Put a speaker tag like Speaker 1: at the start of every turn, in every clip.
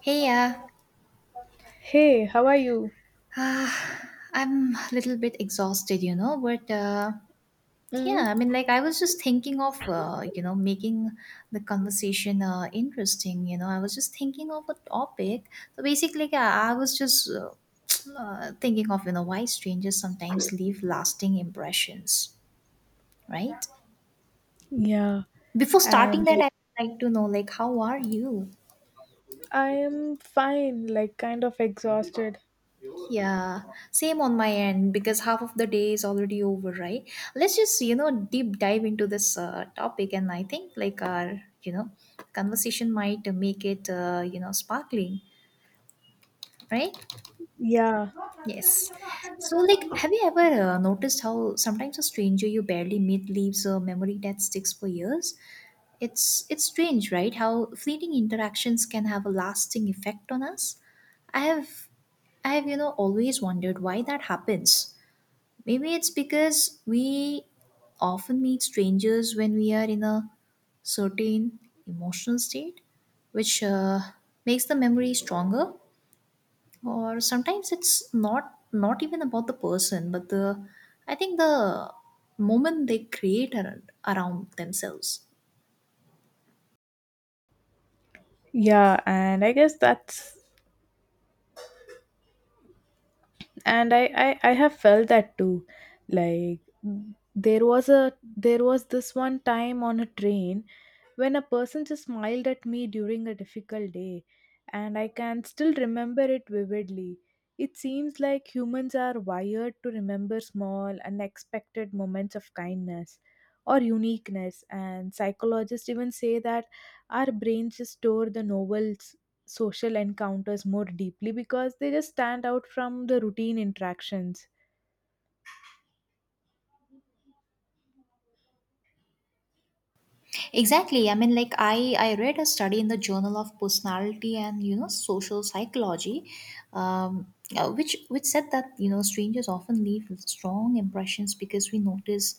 Speaker 1: Hey,
Speaker 2: Hey, how are you?
Speaker 1: I'm a little bit exhausted, you know, but yeah,
Speaker 2: Mm.
Speaker 1: I was just thinking of, you know, making the conversation interesting, you know, I was just thinking of a topic. So basically, yeah, I was just thinking of, you know, why strangers sometimes leave lasting impressions, right?
Speaker 2: Yeah,
Speaker 1: Before starting
Speaker 2: and
Speaker 1: that, I'd like to know, like, how are you?
Speaker 2: I am fine, like kind of exhausted.
Speaker 1: Yeah, same on my end because half of the day is already over, right? Let's just, you know, deep dive into this topic, and I think like our, you know, conversation might make it, you know, sparkling, right?
Speaker 2: Yeah,
Speaker 1: Yes. So, like, have you ever noticed how sometimes a stranger you barely meet leaves a memory that sticks for years? It's strange, right? How fleeting interactions can have a lasting effect on us. I have I have, you know, always wondered why that happens. Maybe it's because we often meet strangers when we are in a certain emotional state, which makes the memory stronger. Or sometimes it's not even about the person, but the I think the moment they create around themselves.
Speaker 2: yeah, and I guess that's and I have felt that too, like there was this one time on a train when a person just smiled at me during a difficult day, and I can still remember it vividly. It seems like humans are wired to remember small unexpected moments of kindness or uniqueness, and psychologists even say that our brains just store the novel social encounters more deeply because they just stand out from the routine interactions.
Speaker 1: Exactly. I mean, like I read a study in the Journal of Personality and, you know, Social Psychology, which said that, you know, strangers often leave strong impressions because we notice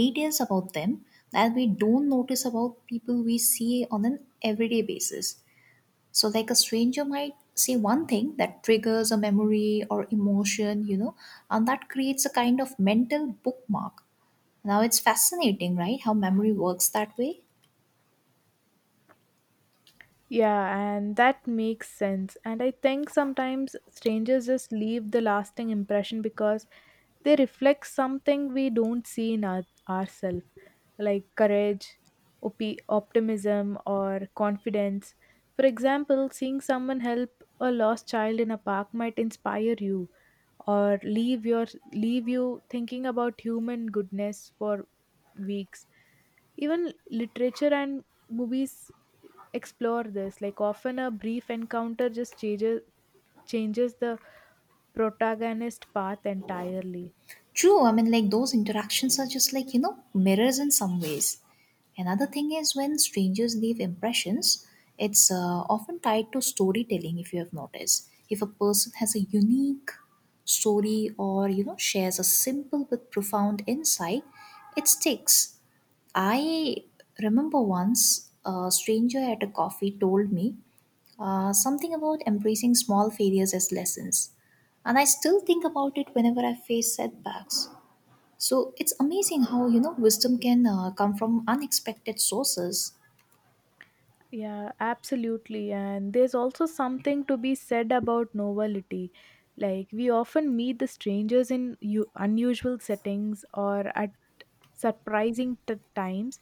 Speaker 1: details about them that we don't notice about people we see on an everyday basis. So, like a stranger might say one thing that triggers a memory or emotion, you know, and that creates a kind of mental bookmark. Now, it's fascinating, right? How memory works that way.
Speaker 2: Yeah, and that makes sense. And I think sometimes strangers just leave the lasting impression because they reflect something we don't see in ourselves, like courage, optimism, or confidence. For example, seeing someone help a lost child in a park might inspire you, or leave you thinking about human goodness for weeks. Even literature and movies explore this, like often a brief encounter just changes the protagonist path entirely.
Speaker 1: True, I mean, like those interactions are just like, you know, mirrors in some ways. Another thing is when strangers leave impressions, it's often tied to storytelling, if you have noticed. If a person has a unique story or, you know, shares a simple but profound insight, it sticks. I remember once a stranger at a coffee told me something about embracing small failures as lessons, and I still think about it whenever I face setbacks. So it's amazing how, you know, wisdom can come from unexpected sources.
Speaker 2: Yeah, absolutely, and there's also something to be said about novelty. Like we often meet the strangers in unusual settings or at surprising times,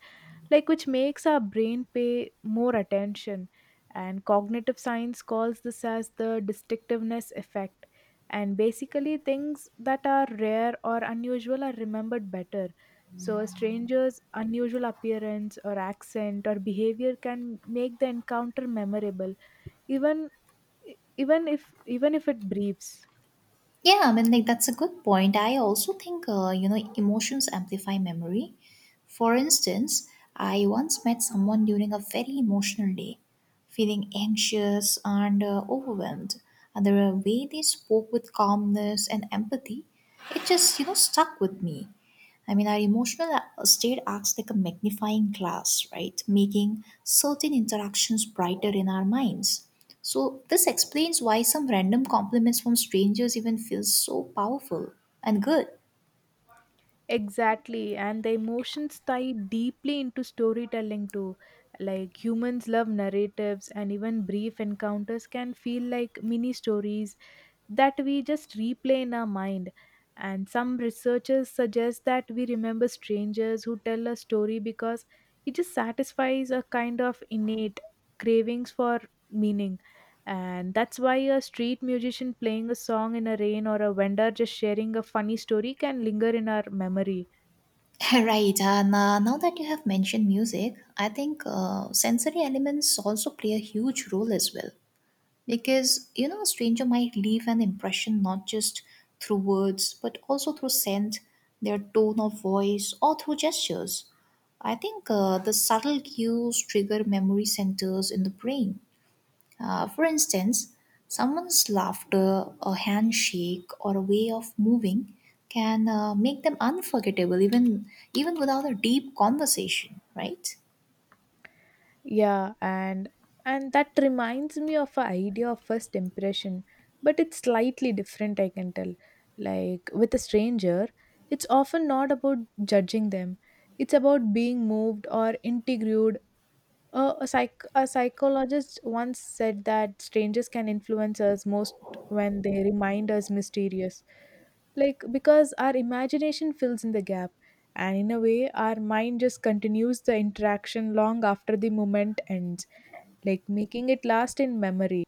Speaker 2: like, which makes our brain pay more attention. And cognitive science calls this as the distinctiveness effect, and basically things that are rare or unusual are remembered better. So a stranger's unusual appearance or accent or behavior can make the encounter memorable, even even if it briefs.
Speaker 1: Yeah, I mean, like that's a good point. I also think you know, emotions amplify memory. For instance, I once met someone during a very emotional day, feeling anxious and overwhelmed, and the way they spoke with calmness and empathy, it just, you know, stuck with me. I mean, our emotional state acts like a magnifying glass, right? Making certain interactions brighter in our minds. So, this explains why some random compliments from strangers even feel so powerful and good.
Speaker 2: Exactly, and the emotions tie deeply into storytelling too. Like humans love narratives, and even brief encounters can feel like mini stories that we just replay in our mind. And some researchers suggest that we remember strangers who tell a story because it just satisfies a kind of innate cravings for meaning. And that's why a street musician playing a song in a rain or a vendor just sharing a funny story can linger in our memory.
Speaker 1: Right, and now that you have mentioned music, I think sensory elements also play a huge role as well. Because, you know, a stranger might leave an impression not just through words, but also through scent, their tone of voice, or through gestures. I think the subtle cues trigger memory centers in the brain. For instance, someone's laughter, a handshake, or a way of moving can make them unforgettable even without a deep conversation, right?
Speaker 2: Yeah, and that reminds me of an idea of first impression, but it's slightly different, I can tell. Like with a stranger, it's often not about judging them. It's about being moved or intrigued. A psychologist once said that strangers can influence us most when they remind us mysterious. Like, because our imagination fills in the gap, and in a way, our mind just continues the interaction long after the moment ends, like making it last in memory.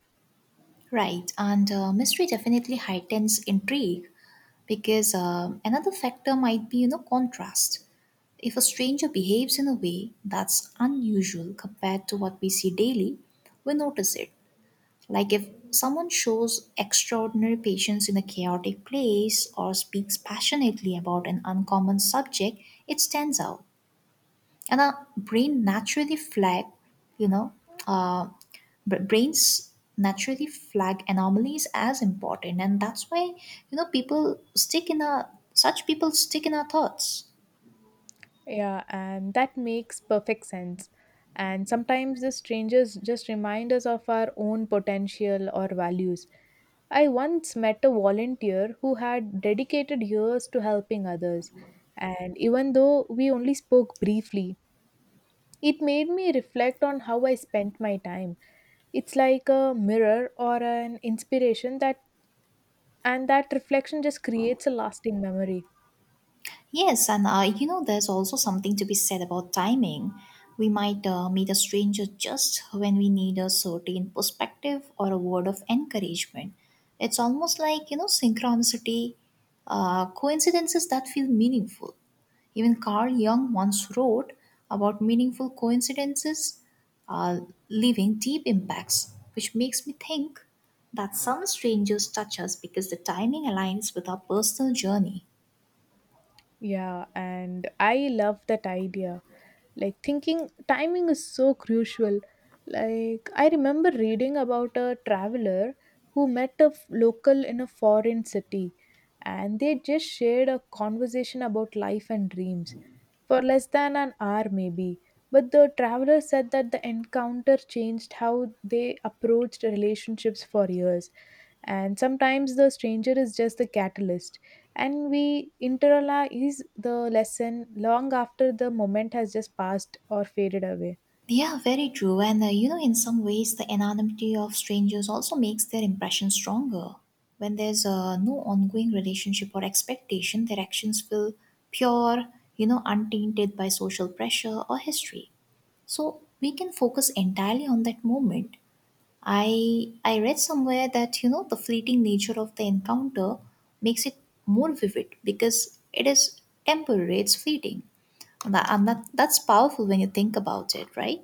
Speaker 1: Right, and mystery definitely heightens intrigue because another factor might be, you know, contrast. If a stranger behaves in a way that's unusual compared to what we see daily, we notice it. Like if someone shows extraordinary patience in a chaotic place or speaks passionately about an uncommon subject, it stands out, and our brain naturally flag you know uh, br- brains naturally flag anomalies as important, and that's why, you know, people stick in our thoughts.
Speaker 2: Yeah, and that makes perfect sense. And sometimes the strangers just remind us of our own potential or values. I once met a volunteer who had dedicated years to helping others. And even though we only spoke briefly, it made me reflect on how I spent my time. It's like a mirror or an inspiration that, and that reflection just creates a lasting memory.
Speaker 1: Yes, and you know, there's also something to be said about timing. We might meet a stranger just when we need a certain perspective or a word of encouragement. It's almost like, you know, synchronicity, coincidences that feel meaningful. Even Carl Jung once wrote about meaningful coincidences uh, leaving deep impacts, which makes me think that some strangers touch us because the timing aligns with our personal journey.
Speaker 2: Yeah, and I love that idea. Like thinking timing is so crucial. Like I remember reading about a traveler who met a local in a foreign city, and they just shared a conversation about life and dreams for less than an hour maybe. But the traveler said that the encounter changed how they approached relationships for years. And sometimes the stranger is just the catalyst, and we internalize the lesson long after the moment has just passed or faded away.
Speaker 1: Yeah, very true. And you know, in some ways, the anonymity of strangers also makes their impression stronger. When there's no ongoing relationship or expectation, their actions feel pure, you know, untainted by social pressure or history. So we can focus entirely on that moment. I read somewhere that, you know, the fleeting nature of the encounter makes it more vivid because it is temporary, it's fleeting. That's powerful when you think about it, right?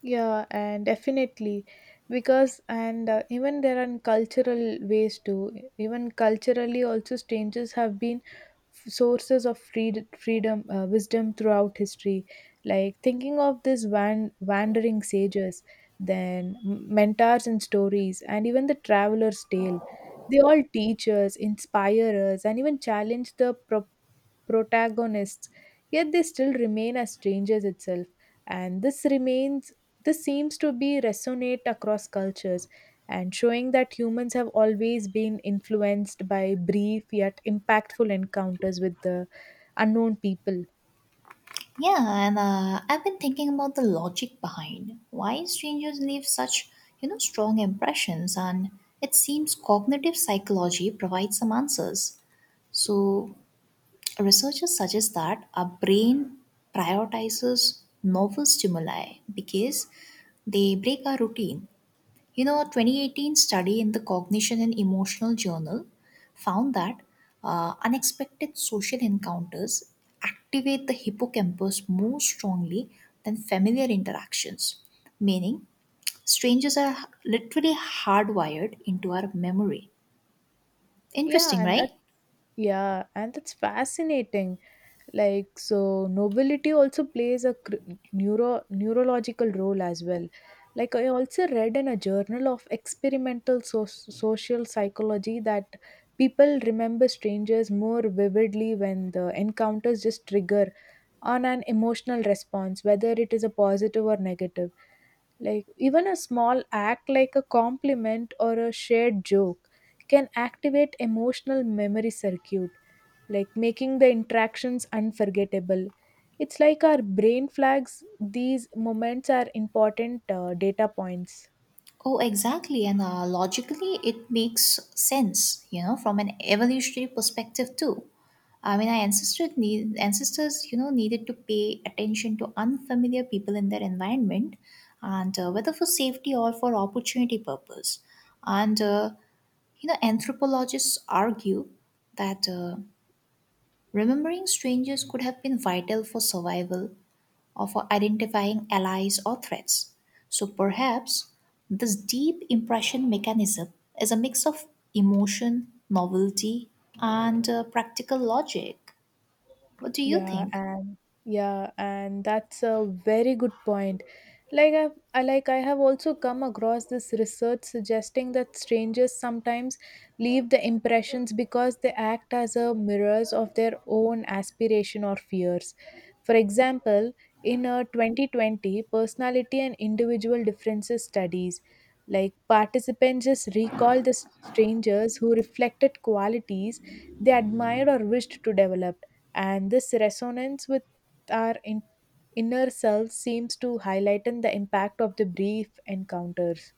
Speaker 2: Yeah, and definitely, because and even there are cultural ways too. Even culturally also strangers have been sources of freedom wisdom throughout history, like thinking of these wandering sages, then mentors and stories, and even the traveler's tale. They all teach us, inspire us, and even challenge the protagonists, yet they still remain as strangers itself. And this seems to be resonate across cultures, and showing that humans have always been influenced by brief yet impactful encounters with the unknown people.
Speaker 1: Yeah, and I've been thinking about the logic behind why strangers leave such, you know, strong impressions, and it seems cognitive psychology provides some answers. So, researchers suggest that our brain prioritizes novel stimuli because they break our routine. You know, a 2018 study in the Cognition and Emotional Journal found that unexpected social encounters activate the hippocampus more strongly than familiar interactions, meaning, strangers are literally hardwired into our memory.
Speaker 2: Yeah,
Speaker 1: Interesting,
Speaker 2: and that
Speaker 1: right?
Speaker 2: yeah, and that's fascinating. Like so nobility also plays a neurological role as well. Like I also read in a journal of experimental social psychology that people remember strangers more vividly when the encounters just trigger on an emotional response, whether it is a positive or negative. Like even a small act like a compliment or a shared joke can activate emotional memory circuit, like making the interactions unforgettable. It's like our brain flags these moments are important data points.
Speaker 1: Oh, exactly. And logically, it makes sense, you know, from an evolutionary perspective, too. I mean, our ancestors, you know, needed to pay attention to unfamiliar people in their environment, and whether for safety or for opportunity purpose. And you know, anthropologists argue that remembering strangers could have been vital for survival or for identifying allies or threats. So perhaps this deep impression mechanism is a mix of emotion, novelty, and practical logic. What do you
Speaker 2: Yeah,
Speaker 1: think?
Speaker 2: and yeah, and that's a very good point. Like I, like I have also come across this research suggesting that strangers sometimes leave the impressions because they act as a mirrors of their own aspiration or fears. For example, in a 2020 personality and individual differences studies, like participants just recalled the strangers who reflected qualities they admired or wished to develop, and this resonance with our inner selves seems to highlight the impact of the brief encounters.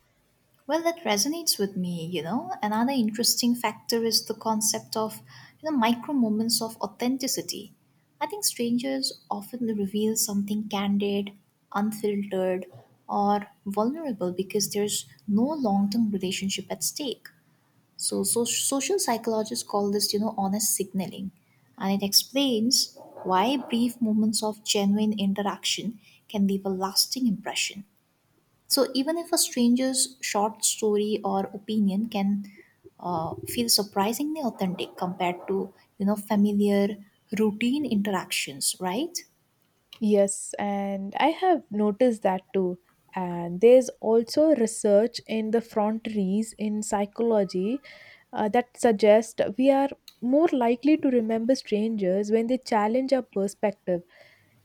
Speaker 1: Well, that resonates with me, you know. Another interesting factor is the concept of, you know, micro moments of authenticity. I think strangers often reveal something candid, unfiltered, or vulnerable because there's no long-term relationship at stake. So social psychologists call this, you know, honest signaling, and it explains why brief moments of genuine interaction can leave a lasting impression. So even if a stranger's short story or opinion can feel surprisingly authentic compared to, you know, familiar routine interactions, right?
Speaker 2: Yes, and I have noticed that too. And there's also research in the frontiers in psychology that suggests we are more likely to remember strangers when they challenge our perspective.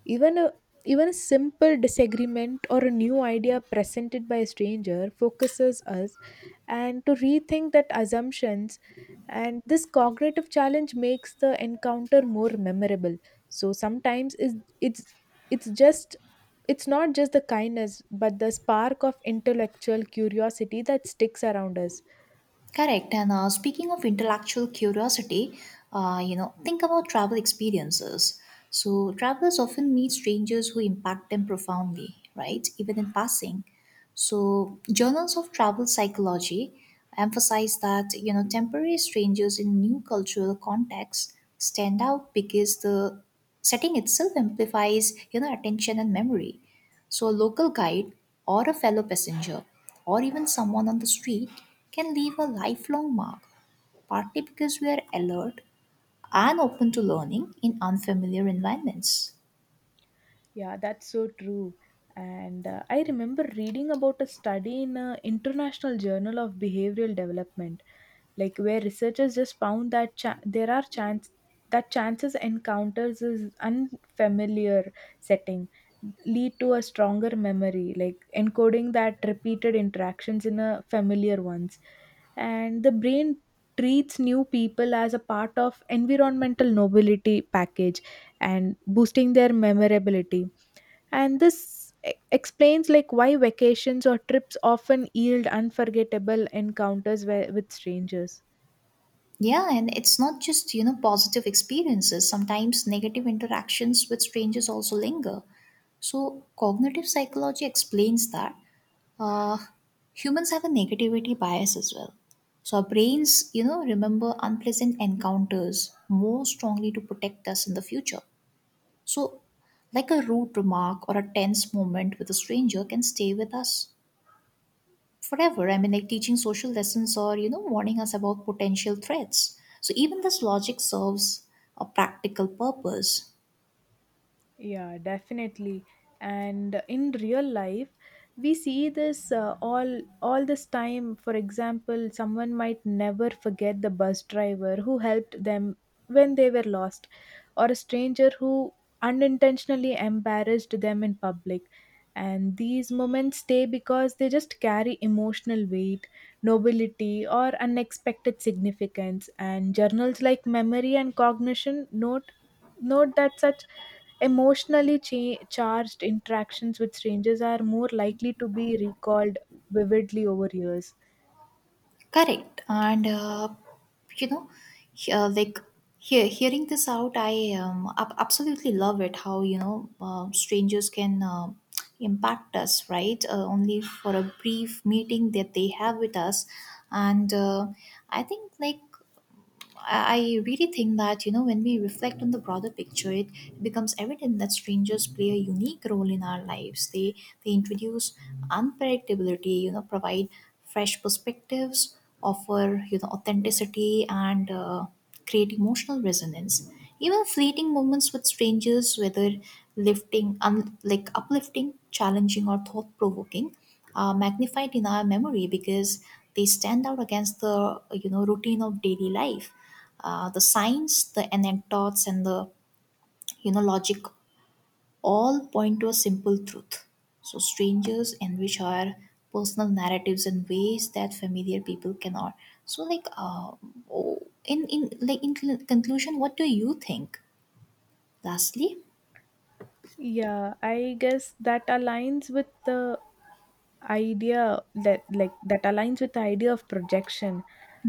Speaker 2: Even a Even a simple disagreement or a new idea presented by a stranger focuses us and to rethink that assumptions. And this cognitive challenge makes the encounter more memorable. So sometimes is it's it's just it's not just the kindness but the spark of intellectual curiosity that sticks around us.
Speaker 1: Correct. And speaking of intellectual curiosity, you know, think about travel experiences. So travelers often meet strangers who impact them profoundly, right? Even in passing. So journals of travel psychology emphasize that, you know, temporary strangers in new cultural contexts stand out because the setting itself amplifies, you know, attention and memory. So, a local guide or a fellow passenger or even someone on the street can leave a lifelong mark, partly because we are alert and open to learning in unfamiliar environments.
Speaker 2: Yeah, that's so true. And I remember reading about a study in an international journal of behavioral development, like where researchers just found that cha- there are chance that chances encounters is unfamiliar setting lead to a stronger memory, like encoding that repeated interactions in a familiar ones. And the brain treats new people as a part of environmental nobility package, and boosting their memorability. And explains like why vacations or trips often yield unforgettable encounters with strangers.
Speaker 1: Yeah, and it's not just, you know, positive experiences. Sometimes negative interactions with strangers also linger. So, cognitive psychology explains that Uh, humans have a negativity bias as well. So our brains, you know, remember unpleasant encounters more strongly to protect us in the future. So, like a rude remark or a tense moment with a stranger can stay with us forever. I mean, like teaching social lessons or, you know, warning us about potential threats. So, even this logic serves a practical purpose.
Speaker 2: Yeah, definitely. And in real life, we see this all this time. For example, someone might never forget the bus driver who helped them when they were lost, or a stranger who unintentionally embarrassed them in public. And these moments stay because they just carry emotional weight, nobility, or unexpected significance. And journals like Memory and Cognition note that such emotionally charged interactions with strangers are more likely to be recalled vividly over years.
Speaker 1: Correct. And you know, he- uh, like hearing this out, I absolutely love it. How, you know, strangers can impact us, right? Only for a brief meeting that they have with us, and I think like I really think that, you know, when we reflect on the broader picture, it becomes evident that strangers play a unique role in our lives. They introduce unpredictability, you know, provide fresh perspectives, offer, you know, authenticity and create emotional resonance. Even fleeting moments with strangers, whether lifting, un, like uplifting, challenging, or thought-provoking, are magnified in our memory because they stand out against the, you know, routine of daily life. The signs, the anecdotes, and the, you know, logic all point to a simple truth. So, strangers enrich our personal narratives in ways that familiar people cannot. So, like, conclusion, what do you think? Lastly.
Speaker 2: Yeah, I guess that aligns with the idea that aligns with the idea of projection.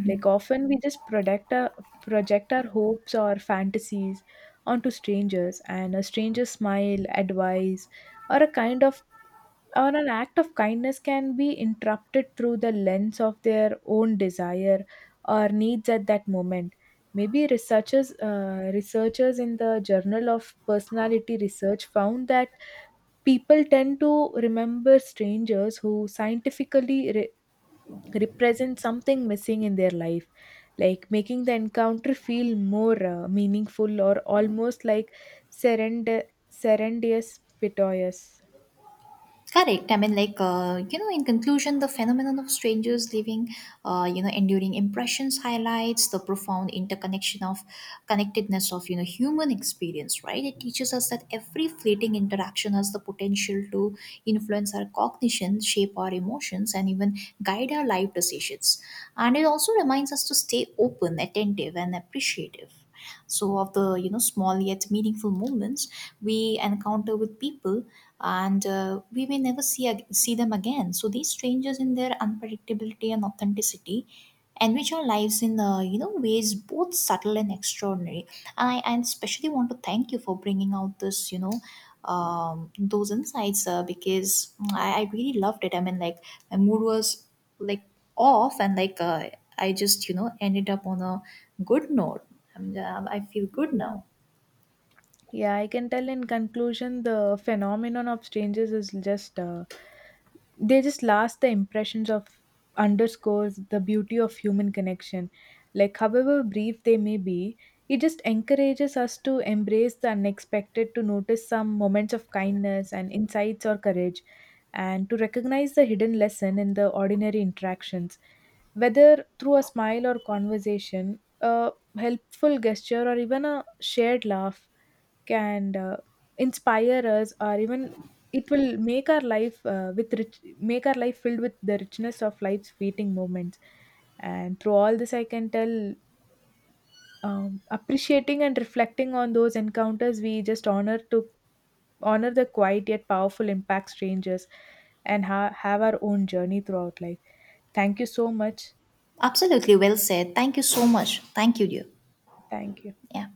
Speaker 2: Like often we just project our hopes or fantasies onto strangers, and a stranger's smile, advice, or a kind of, or an act of kindness can be interrupted through the lens of their own desire or needs at that moment. Maybe researchers in the journal of personality research found that people tend to remember strangers who scientifically represent something missing in their life, like making the encounter feel more meaningful, or almost like serend- serendipitous.
Speaker 1: Correct. I mean, like, you know, in conclusion, the phenomenon of strangers leaving, you know, enduring impressions highlights the profound interconnection of connectedness of, you know, human experience, right? It teaches us that every fleeting interaction has the potential to influence our cognition, shape our emotions, and even guide our life decisions. And it also reminds us to stay open, attentive, and appreciative so of the, you know, small yet meaningful moments we encounter with people, and we may never see see them again. So these strangers in their unpredictability and authenticity enrich our lives in you know, ways both subtle and extraordinary. And I and especially, want to thank you for bringing out this, you know, those insights because I really loved it. I mean, like my mood was like off, and like I just, you know, ended up on a good note. I feel good
Speaker 2: Yeah.
Speaker 1: now.
Speaker 2: Yeah, I can tell, in conclusion, the phenomenon of strangers is just, they just last the impressions of underscores the beauty of human connection. Like, however brief they may be, it just encourages us to embrace the unexpected, to notice some moments of kindness and insights or courage, and to recognize the hidden lesson in the ordinary interactions. Whether through a smile or conversation, a helpful gesture, or even a shared laugh, can inspire us, or even it will make our life filled with the richness of life's fleeting moments. And through all this I can tell, appreciating and reflecting on those encounters, we just honor the quiet yet powerful impact strangers have our own journey throughout life. Thank you so much.
Speaker 1: Absolutely, well said. Thank you so much. Thank you, dear.
Speaker 2: Thank you.
Speaker 1: Yeah.